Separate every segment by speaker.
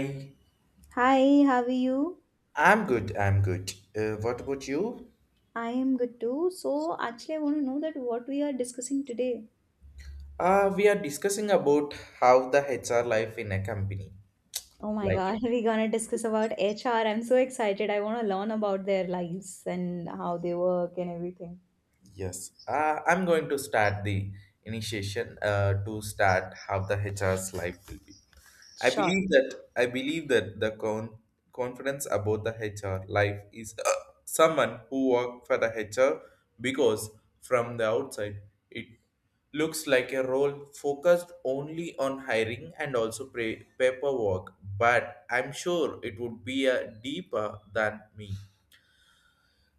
Speaker 1: Hi.
Speaker 2: Hi, how are you?
Speaker 1: I'm good, I'm good. What about you?
Speaker 2: I am good too. So, actually, I want to know that what we are discussing today.
Speaker 1: We are discussing about how the HR life in a company.
Speaker 2: Oh my
Speaker 1: Like,
Speaker 2: God, we're gonna discuss about HR. I'm so excited. I want to learn about their lives and how they work and everything.
Speaker 1: Yes, I'm going to start the initiation to start how the HR's life will be. I
Speaker 2: Sure.
Speaker 1: believe that I believe that the confidence about the HR life is someone who work for the HR because from the outside it looks like a role focused only on hiring and also paperwork, but I'm sure it would be a deeper than me.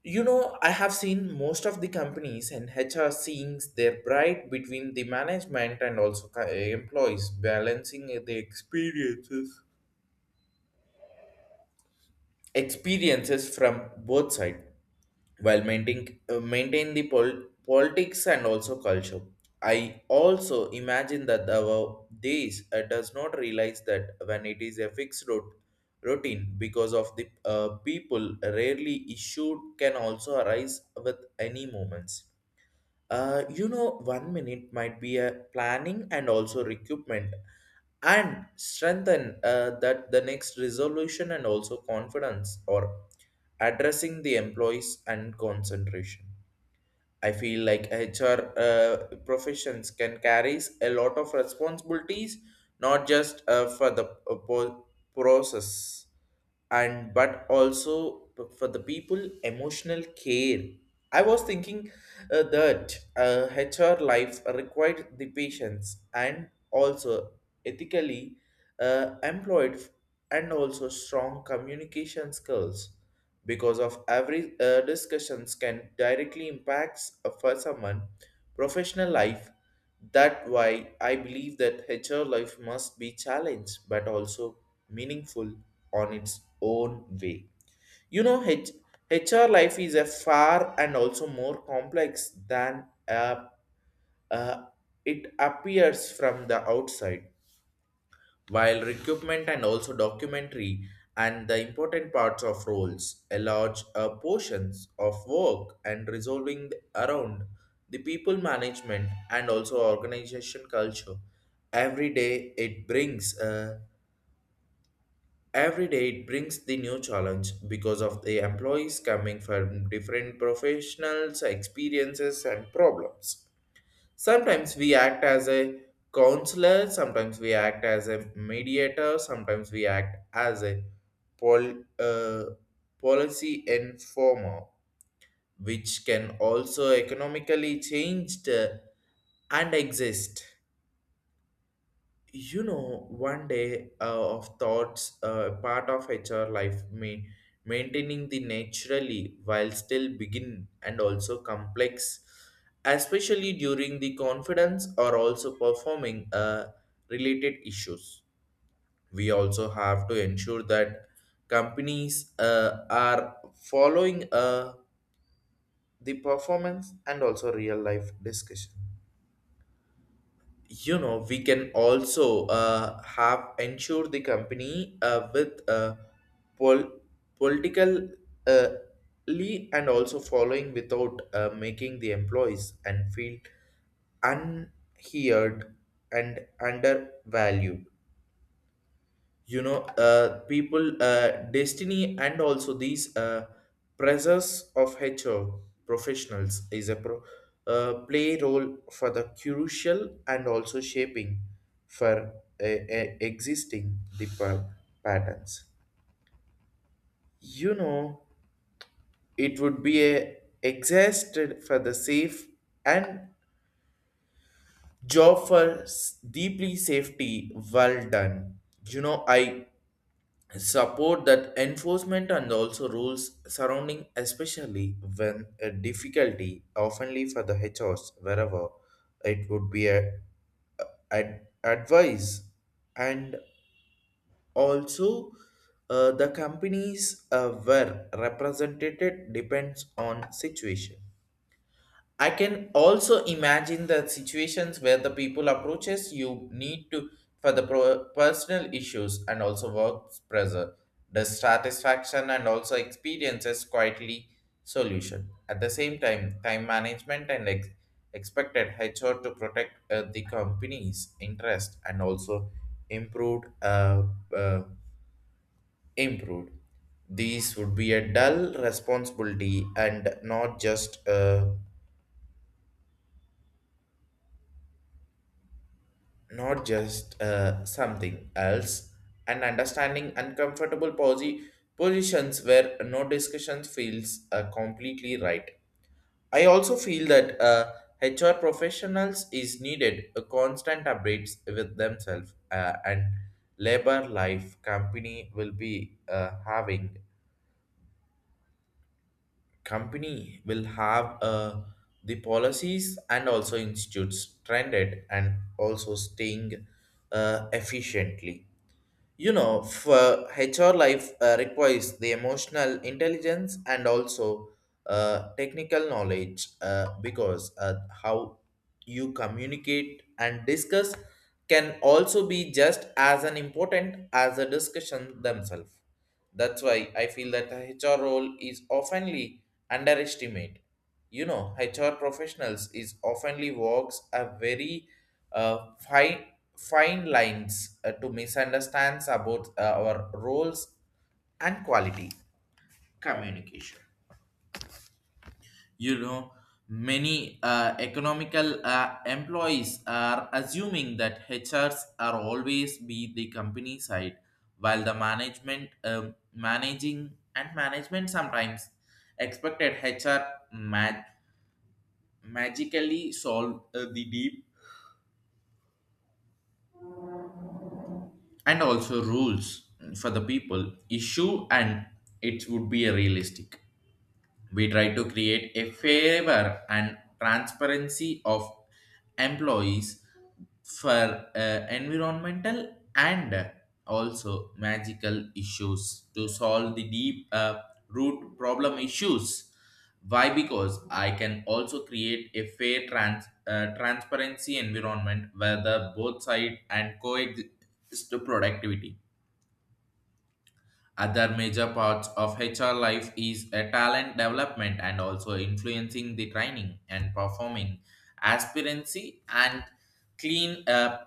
Speaker 1: You know, I have seen most of the companies and HR seeing their pride between the management and also employees balancing the experiences from both sides while maintaining maintain the politics and also culture. I also imagine that our days does not realize that when it is a fixed route routine because of the people rarely issued can also arise with any moments. You know, one minute might be a planning and also recruitment and strengthen that the next resolution and also confidence or addressing the employees and concentration. I feel like HR professions can carries a lot of responsibilities, not just for the process and but also for the people emotional care. I was thinking that HR life required the patience and also ethically employed and also strong communication skills because of every discussions can directly impacts for someone professional life. That why I believe that HR life must be challenged but also meaningful on its own way. You know, HR life is a far and also more complex than uh, it appears from the outside. While recruitment and also documentary and the important parts of roles, a large portions of work and resolving around the people management and also organization culture. Every day it brings every day it brings the new challenge because of the employees coming from different professionals, experiences and problems. Sometimes we act as a counselor, sometimes we act as a mediator, sometimes we act as a pol- uh, policy informer, which can also economically change the- and exist. You know, one day of thoughts part of HR life may maintaining the naturally while still begin and also complex, especially during the confidence or also performing related issues. We also have to ensure that companies are following the performance and also real life discussion. You know, we can also have ensure the company with pol- political uh, ly and also following without making the employees and feel unheard and undervalued. You know, people destiny and also these pressures of HR professionals is a play role for the crucial and also shaping for existing the patterns. You know, it would be a exhausted for the safe and job for deeply safety well done. You know, I support that enforcement and also rules surrounding, especially when a difficulty oftenly for the HOs wherever it would be advice and also the companies were represented depends on situation. I can also imagine the situations where the people approaches you need to for the personal issues and also work pressure, dissatisfaction and also experiences quietly solution. At the same time, time management and expected HR to protect the company's interest and also improved uh, uh, improved. These would be a dull responsibility and not just something else, and understanding uncomfortable positions where no discussions feels completely right. I also feel that HR professionals is needed a constant updates with themselves and labor life company will be having company will have the policies and also institutes trended and also staying efficiently. You know, for HR life requires the emotional intelligence and also technical knowledge because how you communicate and discuss can also be just as an important as a discussion themselves. That's why I feel that the HR role is oftenly underestimated. You know, HR professionals is oftenly walks a very uh, fine fine lines to misunderstands about our roles and quality communication. You know, many economical employees are assuming that HRs are always be the company side, while the management managing and management sometimes expected HR magically solve the deep and also rules for the people issue, and it would be a realistic. We try to create a favor and transparency of employees for environmental and also magical issues to solve the deep root problem issues. Why? Because I can also create a fair transparency environment where the both side and coexist to productivity. Other major parts of HR life is a talent development and also influencing the training and performing aspirancy and clean uh,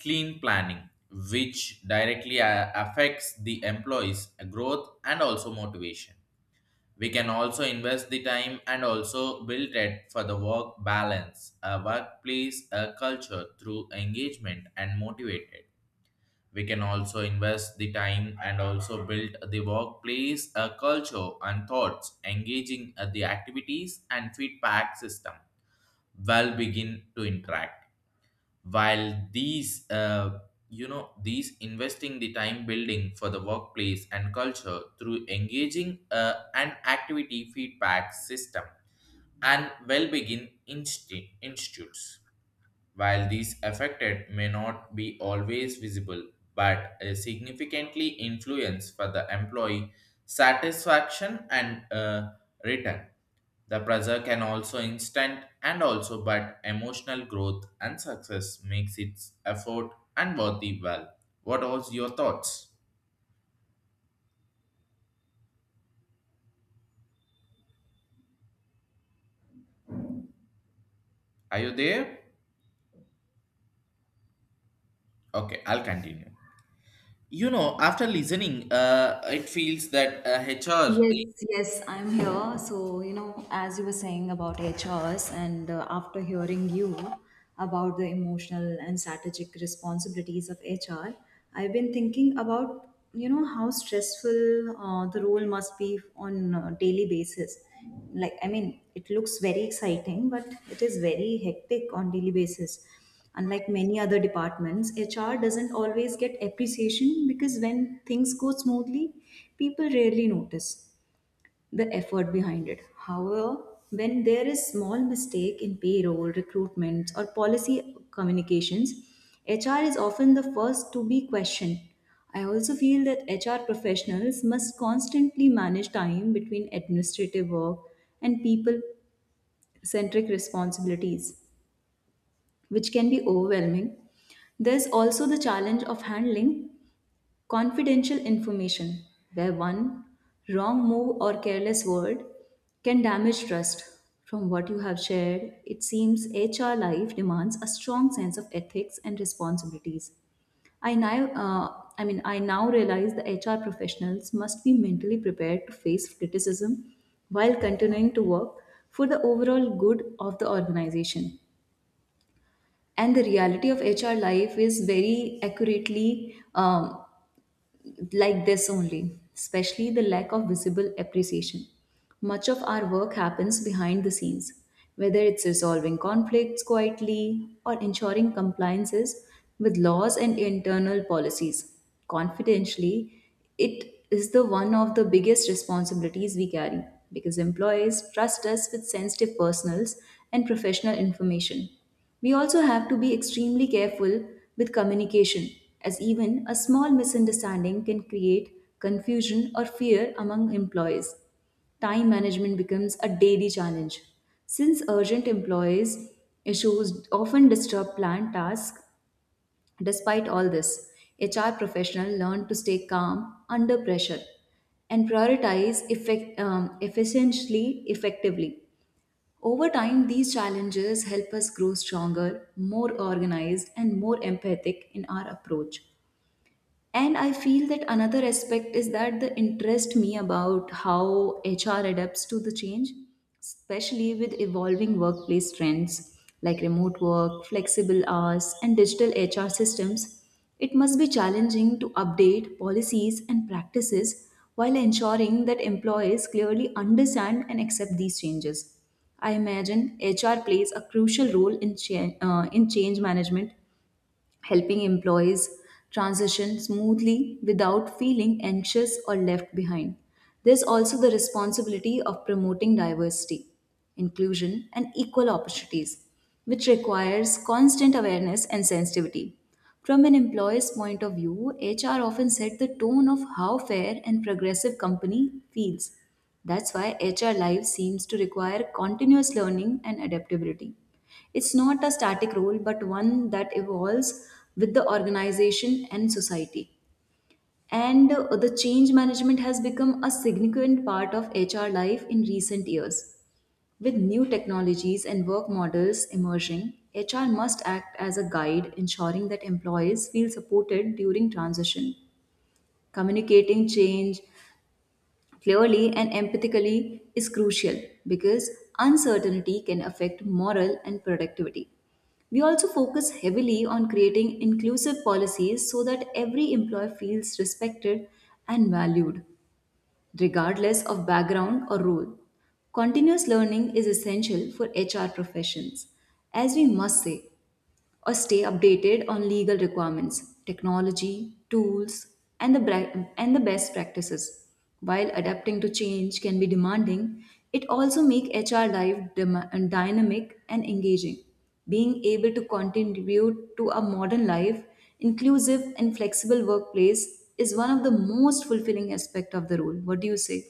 Speaker 1: clean planning, which directly affects the employees' growth and also motivation. We can also invest the time and also build it for the work balance, a workplace a culture through engagement and motivated. We can also invest the time and also build the workplace a culture and thoughts engaging at the activities and feedback system will begin to interact. While these, these investing the time building for the workplace and culture through engaging an activity feedback system and well begin institutes, while these affected may not be always visible, but significantly influence for the employee satisfaction and return. The pressure can also instant and also but emotional growth and success makes its effort and worthy well. What was your thoughts? Are you there? Okay, I'll continue. You know, after listening, it feels that HR.
Speaker 2: Yes, yes, I'm here. So, you know, as you were saying about HRs, and after hearing you about the emotional and strategic responsibilities of HR, I've been thinking about, you know, how stressful the role must be on a daily basis. Like, I mean, it looks very exciting, but it is very hectic on daily basis, unlike many other departments. HR doesn't always get appreciation because when things go smoothly, people rarely notice the effort behind it. However, when there is small mistake in payroll recruitments or policy communications, HR is often the first to be questioned. I also feel that HR professionals must constantly manage time between administrative work and people centric responsibilities, which can be overwhelming. There's also the challenge of handling confidential information, where one wrong move or careless word can damage trust. From what you have shared, it seems HR life demands a strong sense of ethics and responsibilities. I mean, I now realize the HR professionals must be mentally prepared to face criticism while continuing to work for the overall good of the organization. And the reality of HR life is very accurately like this only, especially the lack of visible appreciation. Much of our work happens behind the scenes, whether it's resolving conflicts quietly or ensuring compliances with laws and internal policies confidentially. It is the one of the biggest responsibilities we carry because employees trust us with sensitive personals and professional information. We also have to be extremely careful with communication, as even a small misunderstanding can create confusion or fear among employees. Time management becomes a daily challenge. Since urgent employees issues often disturb planned tasks, despite all this, HR professionals learn to stay calm under pressure and prioritize effectively. Over time, these challenges help us grow stronger, more organized, and more empathic in our approach. And I feel that another aspect is that the interest me about how HR adapts to the change, especially with evolving workplace trends like remote work, flexible hours, and digital HR systems. It must be challenging to update policies and practices while ensuring that employees clearly understand and accept these changes. I imagine HR plays a crucial role in, in change management, helping employees transition smoothly without feeling anxious or left behind. There's also the responsibility of promoting diversity, inclusion, and equal opportunities, which requires constant awareness and sensitivity. From an employer's point of view, HR often set the tone of how fair and progressive company feels. That's why HR life seems to require continuous learning and adaptability. It's not a static role, but one that evolves with the organization and society. And the change management has become a significant part of HR life in recent years. With new technologies and work models emerging, HR must act as a guide, ensuring that employees feel supported during transition. Communicating change clearly and empathically is crucial because uncertainty can affect morale and productivity. We also focus heavily on creating inclusive policies so that every employee feels respected and valued, regardless of background or role. Continuous learning is essential for HR professions, as we must say, or stay updated on legal requirements, technology, tools, and and the best practices. While adapting to change can be demanding, it also makes HR life dynamic and engaging. Being able to contribute to a modern life, inclusive and flexible workplace is one of the most fulfilling aspect of the role. What do you say?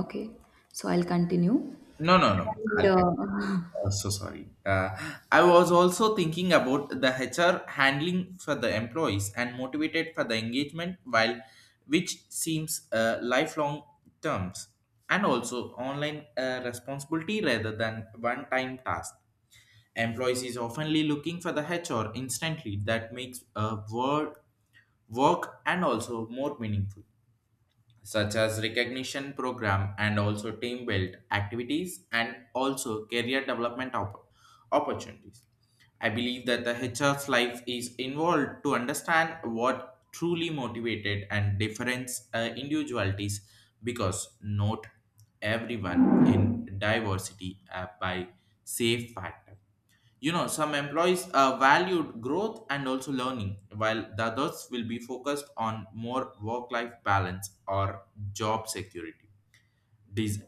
Speaker 2: Okay, so I'll continue.
Speaker 1: No, no, no.
Speaker 2: And
Speaker 1: I'll continue. So sorry. I was also thinking about the HR handling for the employees and motivated for the engagement, while which seems lifelong terms, and also online responsibility rather than one-time task. Employees is oftenly looking for the HR instantly that makes work and also more meaningful, such as recognition program and also team build activities and also career development opportunities. I believe that the HR's life is involved to understand what truly motivated and difference individualities, because not everyone in diversity by safe factor. You know, some employees valued growth and also learning, while the others will be focused on more work life balance or job security. Des-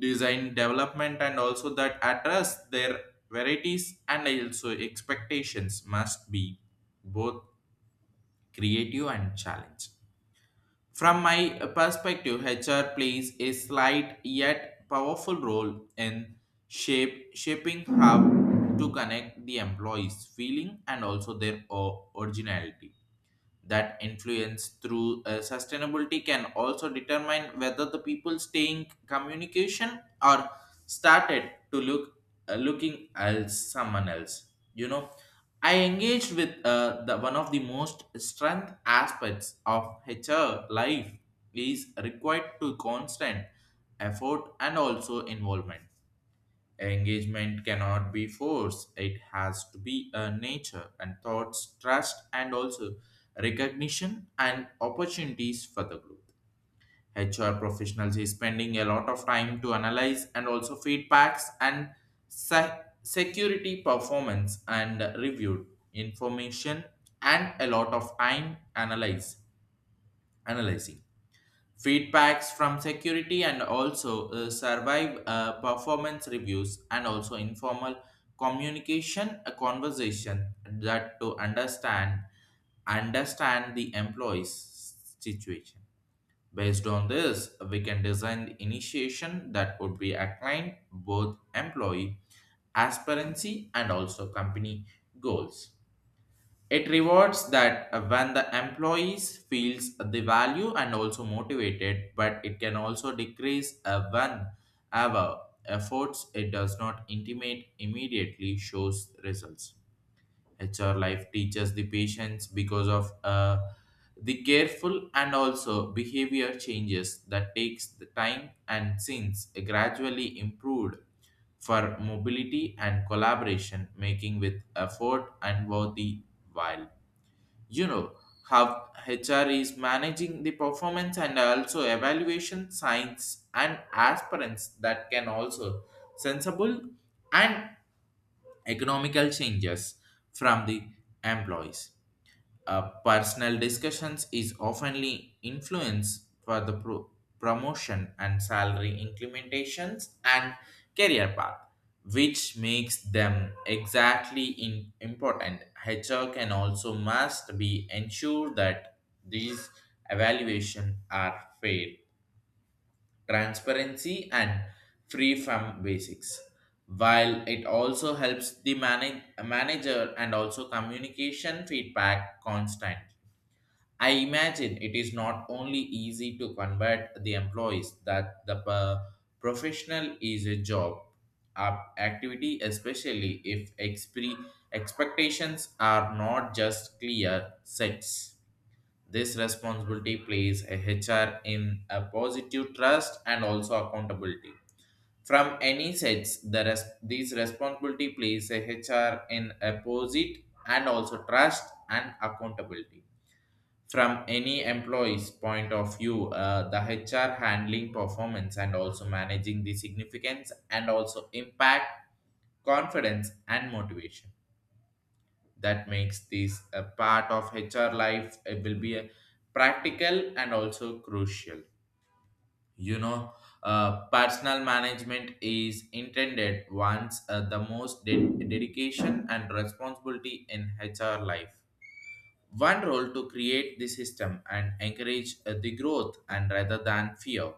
Speaker 1: Design development and also that address their varieties and also expectations must be both creative and challenge. From my perspective, HR plays a slight yet powerful role in shaping how to connect the employees' feeling and also their originality. That influence through sustainability can also determine whether the people staying communication or started to looking else someone else. You know, I engaged with the one of the most strength aspects of HR life is required to constant effort and also involvement. Engagement cannot be forced. It has to be a nature and thoughts, trust, and also recognition and opportunities for the growth. HR professionals is spending a lot of time to analyze and also feedbacks and security performance and reviewed information, and a lot of time analyze analyzing feedbacks from security and also survive performance reviews and also informal communication a conversation that to understand the employees situation. Based on this, we can design the initiation that would be aligned both employee aspirancy and also company goals. It rewards that when the employees feels the value and also motivated, but it can also decrease when ever efforts it does not intimate immediately shows results. HR life teaches the patience because of the careful and also behavior changes that takes the time and since gradually improved for mobility and collaboration making with effort and worthy. While you know how HR is managing the performance and also evaluation science and aspirants that can also sensible and economical changes from the employees personal discussions is oftenly influenced for the promotion and salary implementations and career path, which makes them exactly important. HR can also must be ensure that these evaluation are fair, transparency, and free from basics. While it also helps the manager and also communication feedback constant. I imagine it is not only easy to convert the employees that the professional is a job up activity, especially if expectations are not just clear sets. This responsibility plays a HR in a positive trust and also accountability. From any sets, these responsibility plays a HR in a positive posit and also trust and accountability from any employee's point of view, the HR handling performance and also managing the significance and also impact, confidence and motivation that makes this a part of HR life. It will be a practical and also crucial. you know Personal management is intended once, the most dedication and responsibility in HR life, one role to create the system and encourage the growth and rather than fear,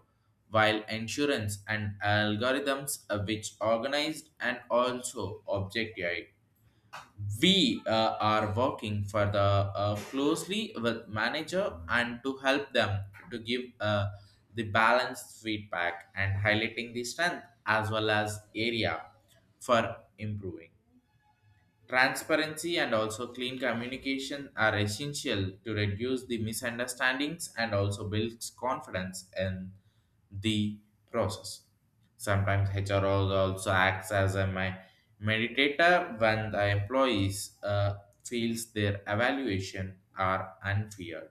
Speaker 1: while insurance and algorithms which organized and also objectified. We are working for the, closely with manager and to help them, to give the balanced feedback and highlighting the strength as well as area for improving. Transparency and also clean communication are essential to reduce the misunderstandings and also builds confidence in the process. Sometimes HR also acts as a meditator when the employees feels their evaluation are unfair,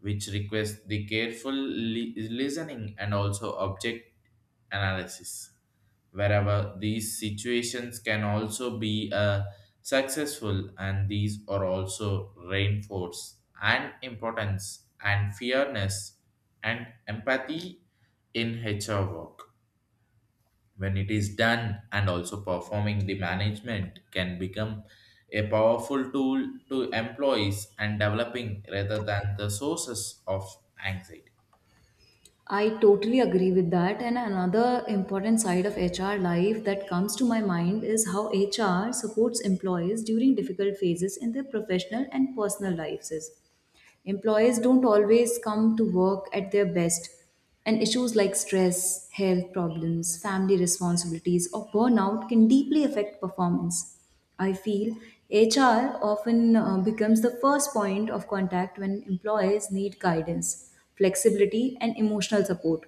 Speaker 1: which requires the careful listening and also object analysis. Wherever these situations can also be successful, and these are also reinforce and importance and fairness and empathy in HR work. When it is done and also performing, the management can become a powerful tool to employees and developing rather than the sources of anxiety.
Speaker 2: I totally agree with that. And another important side of HR life that comes to my mind is how HR supports employees during difficult phases in their professional and personal lives. Employees don't always come to work at their best, and issues like stress, health problems, family responsibilities, or burnout can deeply affect performance. I feel HR often becomes the first point of contact when employees need guidance, flexibility, and emotional support.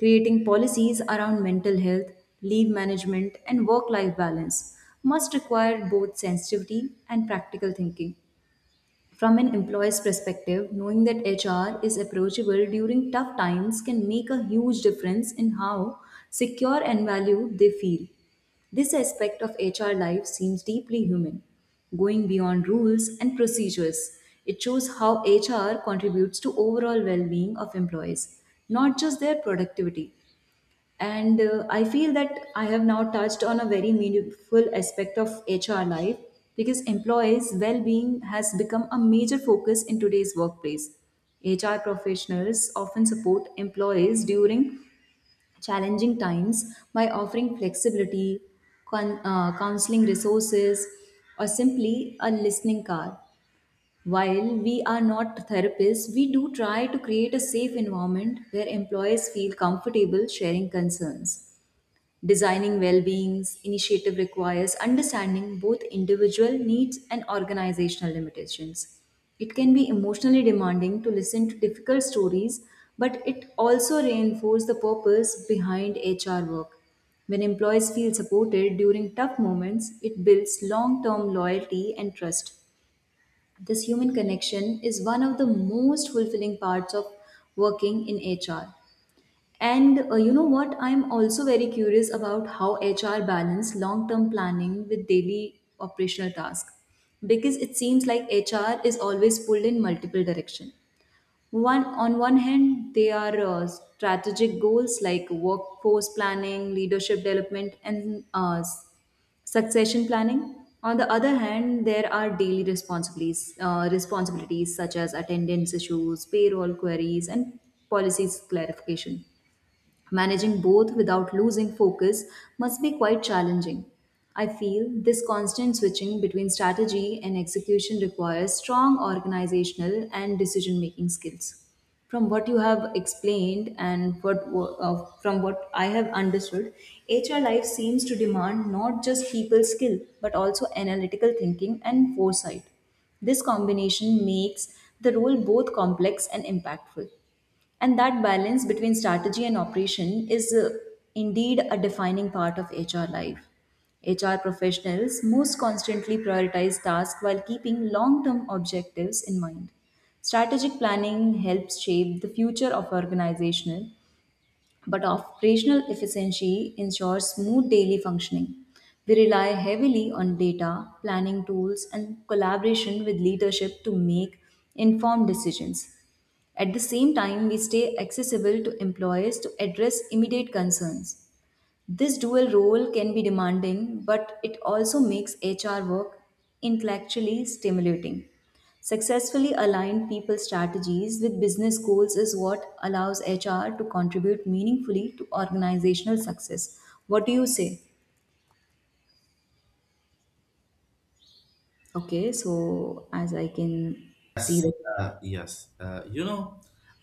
Speaker 2: Creating policies around mental health, leave management, and work life balance must require both sensitivity and practical thinking. From an employee's perspective, knowing that HR is approachable during tough times can make a huge difference in how secure and valued they feel. This aspect of HR life seems deeply human, going beyond rules and procedures. It shows how HR contributes to overall well-being of employees, not just their productivity. And I feel that I have now touched on a very meaningful aspect of HR life because employees' well being has become a major focus in today's workplace. HR professionals often support employees during challenging times by offering flexibility, counseling resources, or simply a listening car. While we are not therapists, we do try to create a safe environment where employees feel comfortable sharing concerns. Designing well-being's initiative requires understanding both individual needs and organizational limitations. It can be emotionally demanding to listen to difficult stories, but it also reinforces the purpose behind HR work. When employees feel supported during tough moments, it builds long-term loyalty and trust. This human connection is one of the most fulfilling parts of working in HR. And you know what? I'm also very curious about how HR balance long-term planning with daily operational tasks because it seems like HR is always pulled in multiple direction. One on one hand, they are strategic goals like workforce planning, leadership development, and succession planning. On the other hand, there are daily responsibilities such as attendance issues, payroll queries, and policies clarification. Managing both without losing focus must be quite challenging. I feel this constant switching between strategy and execution requires strong organizational and decision making skills. From what you have explained and what wo- from what I have understood, HR life seems to demand not just people skill but also analytical thinking and foresight. This combination makes the role both complex and impactful. And that balance between strategy and operation is indeed a defining part of HR life. HR professionals most constantly prioritize tasks while keeping long term objectives in mind. Strategic planning helps shape the future of organizational, but operational efficiency ensures smooth daily functioning. We rely heavily on data, planning tools, and collaboration with leadership to make informed decisions. At the same time, we stay accessible to employers to address immediate concerns. This dual role can be demanding, but it also makes HR work intellectually stimulating. Successfully aligned people strategies with business goals is what allows HR to contribute meaningfully to organizational success. What do you say? Okay, so as I can see that
Speaker 1: Yes,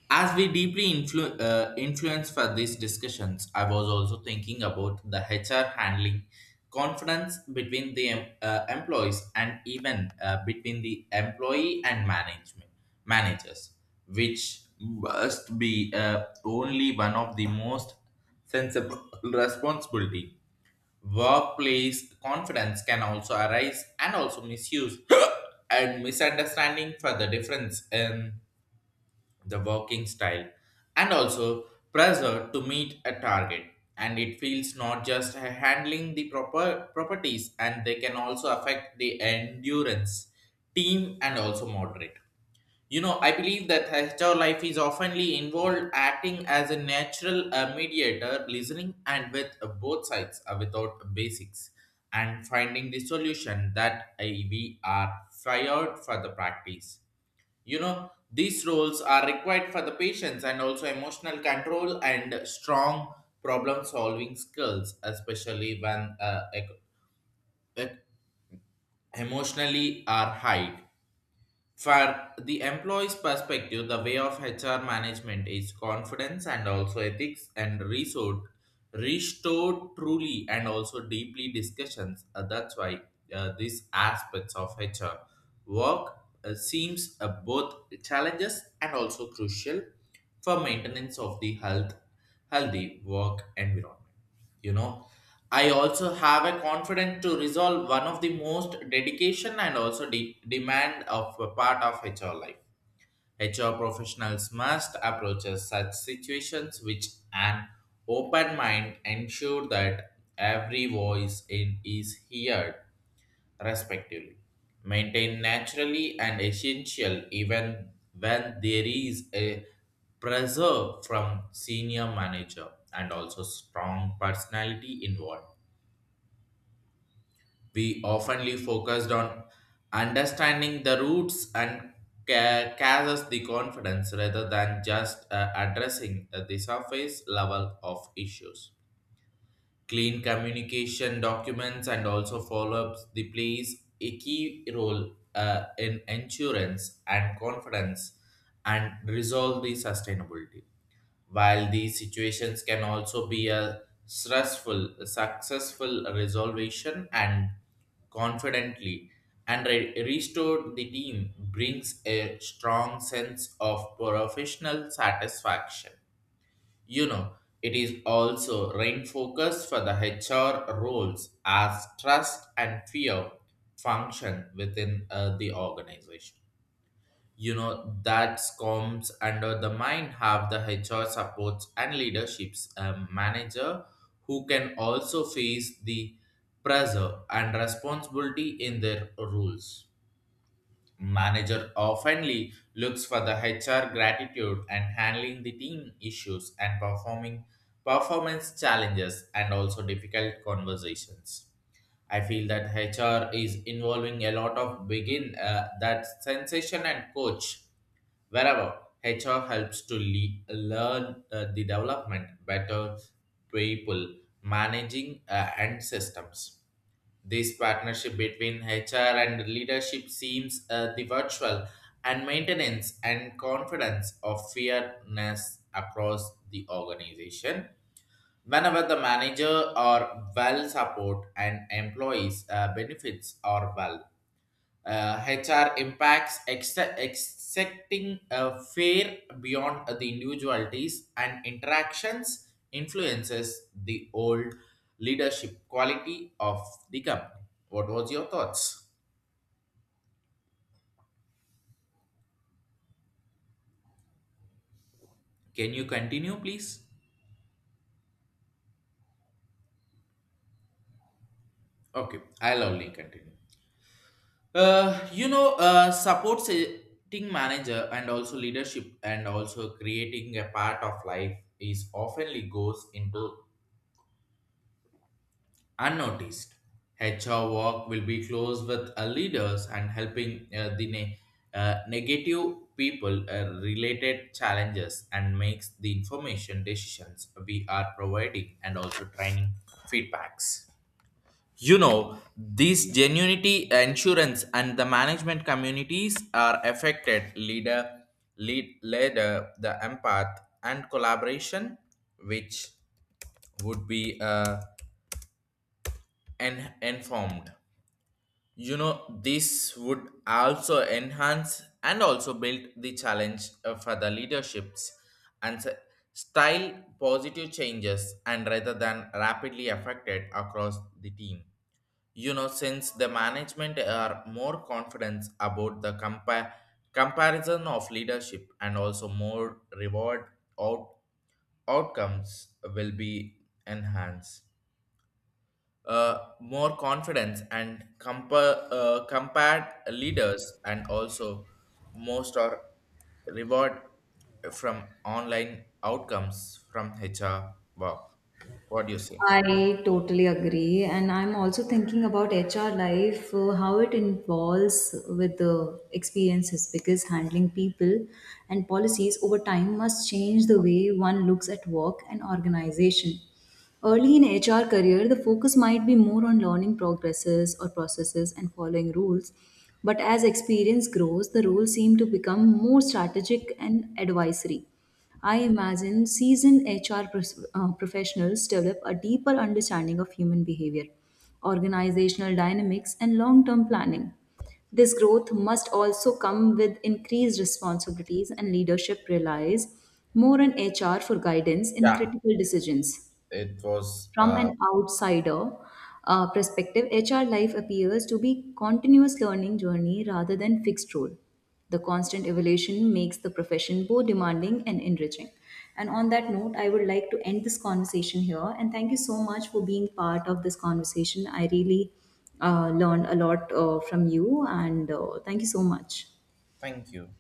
Speaker 1: as we deeply influence for these discussions, I was also thinking about the HR handling confidence between the employees and even between the employee and management managers, which must be only one of the most sensible responsibility. Workplace confidence can also arise and also misuse and misunderstanding for the difference in the working style and also pressure to meet a target, and it feels not just handling the proper properties, and they can also affect the endurance team and also moderate. I believe that HR life is oftenly involved acting as a natural mediator, listening and with both sides without basics, and finding the solution that we are fired for the practice. You know, these roles are required for the patients and also emotional control and strong problem solving skills, especially when ec- emotionally are high for the employee's perspective. The way of HR management is confidence and also ethics and resource restored truly and also deeply discussions. That's why these aspects of HR work seems both challenges and also crucial for maintenance of the healthy work environment. you know I also have a confidence to resolve one of the most dedication and also demand of a part of HR life. HR professionals must approach such situations with an open mind, ensure that every voice in is heard respectively, maintained naturally and essential even when there is a pressure from senior manager and also strong personality involved. We oftenly focused on understanding the roots and causes the confidence rather than just addressing the surface level of issues. Clean communication documents and also follow-ups the plays a key role in insurance and confidence and resolve the sustainability. While these situations can also be a stressful successful resolution and confidently and restore the team brings a strong sense of professional satisfaction. you know, it is also rain focused for the HR roles as trust and fear function within the organization. You know, that comes under the mind have the HR supports and leaderships, manager who can also face the pressure and responsibility in their roles. Manager oftenly looks for the HR gratitude and handling the team issues and performing performance challenges and also difficult conversations. I feel that HR is involving a lot of begin, that sensation and coach wherever HR helps to learn the development better people managing and systems. This partnership between HR and leadership seems the virtual and maintenance and confidence of fairness across the organization. Whenever the manager are well support and employees benefits are well, HR impacts excepting a fair beyond the individualities and interactions influences the old leadership quality of the company. What was your thoughts? Can you continue, please? Okay, I'll only continue. Support setting manager and also leadership and also creating a part of life is oftenly goes into unnoticed. HR work will be close with leaders and helping uh, the negative people related challenges and makes the information decisions we are providing and also training feedbacks. You know, these genuinity insurance and the management communities are affected leader, the empath and collaboration, which would be informed. You know, this would also enhance and also build the challenge for the leaderships and style positive changes and rather than rapidly affected across the team. You know, since the management are more confident about the comparison of leadership and also more reward out outcomes will be enhanced, more confidence and compared leaders and also most are reward from online outcomes from HR work. What do you say?
Speaker 2: I totally agree. And I'm also thinking about HR life, how it involves with the experiences, because handling people and policies over time must change the way one looks at work and organization. Early in HR career, the focus might be more on learning progresses or processes and following rules. But as experience grows, the roles seem to become more strategic and advisory. I imagine seasoned HR professionals develop a deeper understanding of human behavior, organizational dynamics, and long term planning. This growth must also come with increased responsibilities and leadership relies more on HR for guidance in
Speaker 1: Yeah,
Speaker 2: critical decisions.
Speaker 1: it was.
Speaker 2: From an outsider perspective, HR life appears to be continuous learning journey rather than fixed role. The constant evolution makes the profession both demanding and enriching. And on that note, I would like to end this conversation here. And thank you so much for being part of this conversation. I really learned a lot from you, and thank you so much.
Speaker 1: Thank you.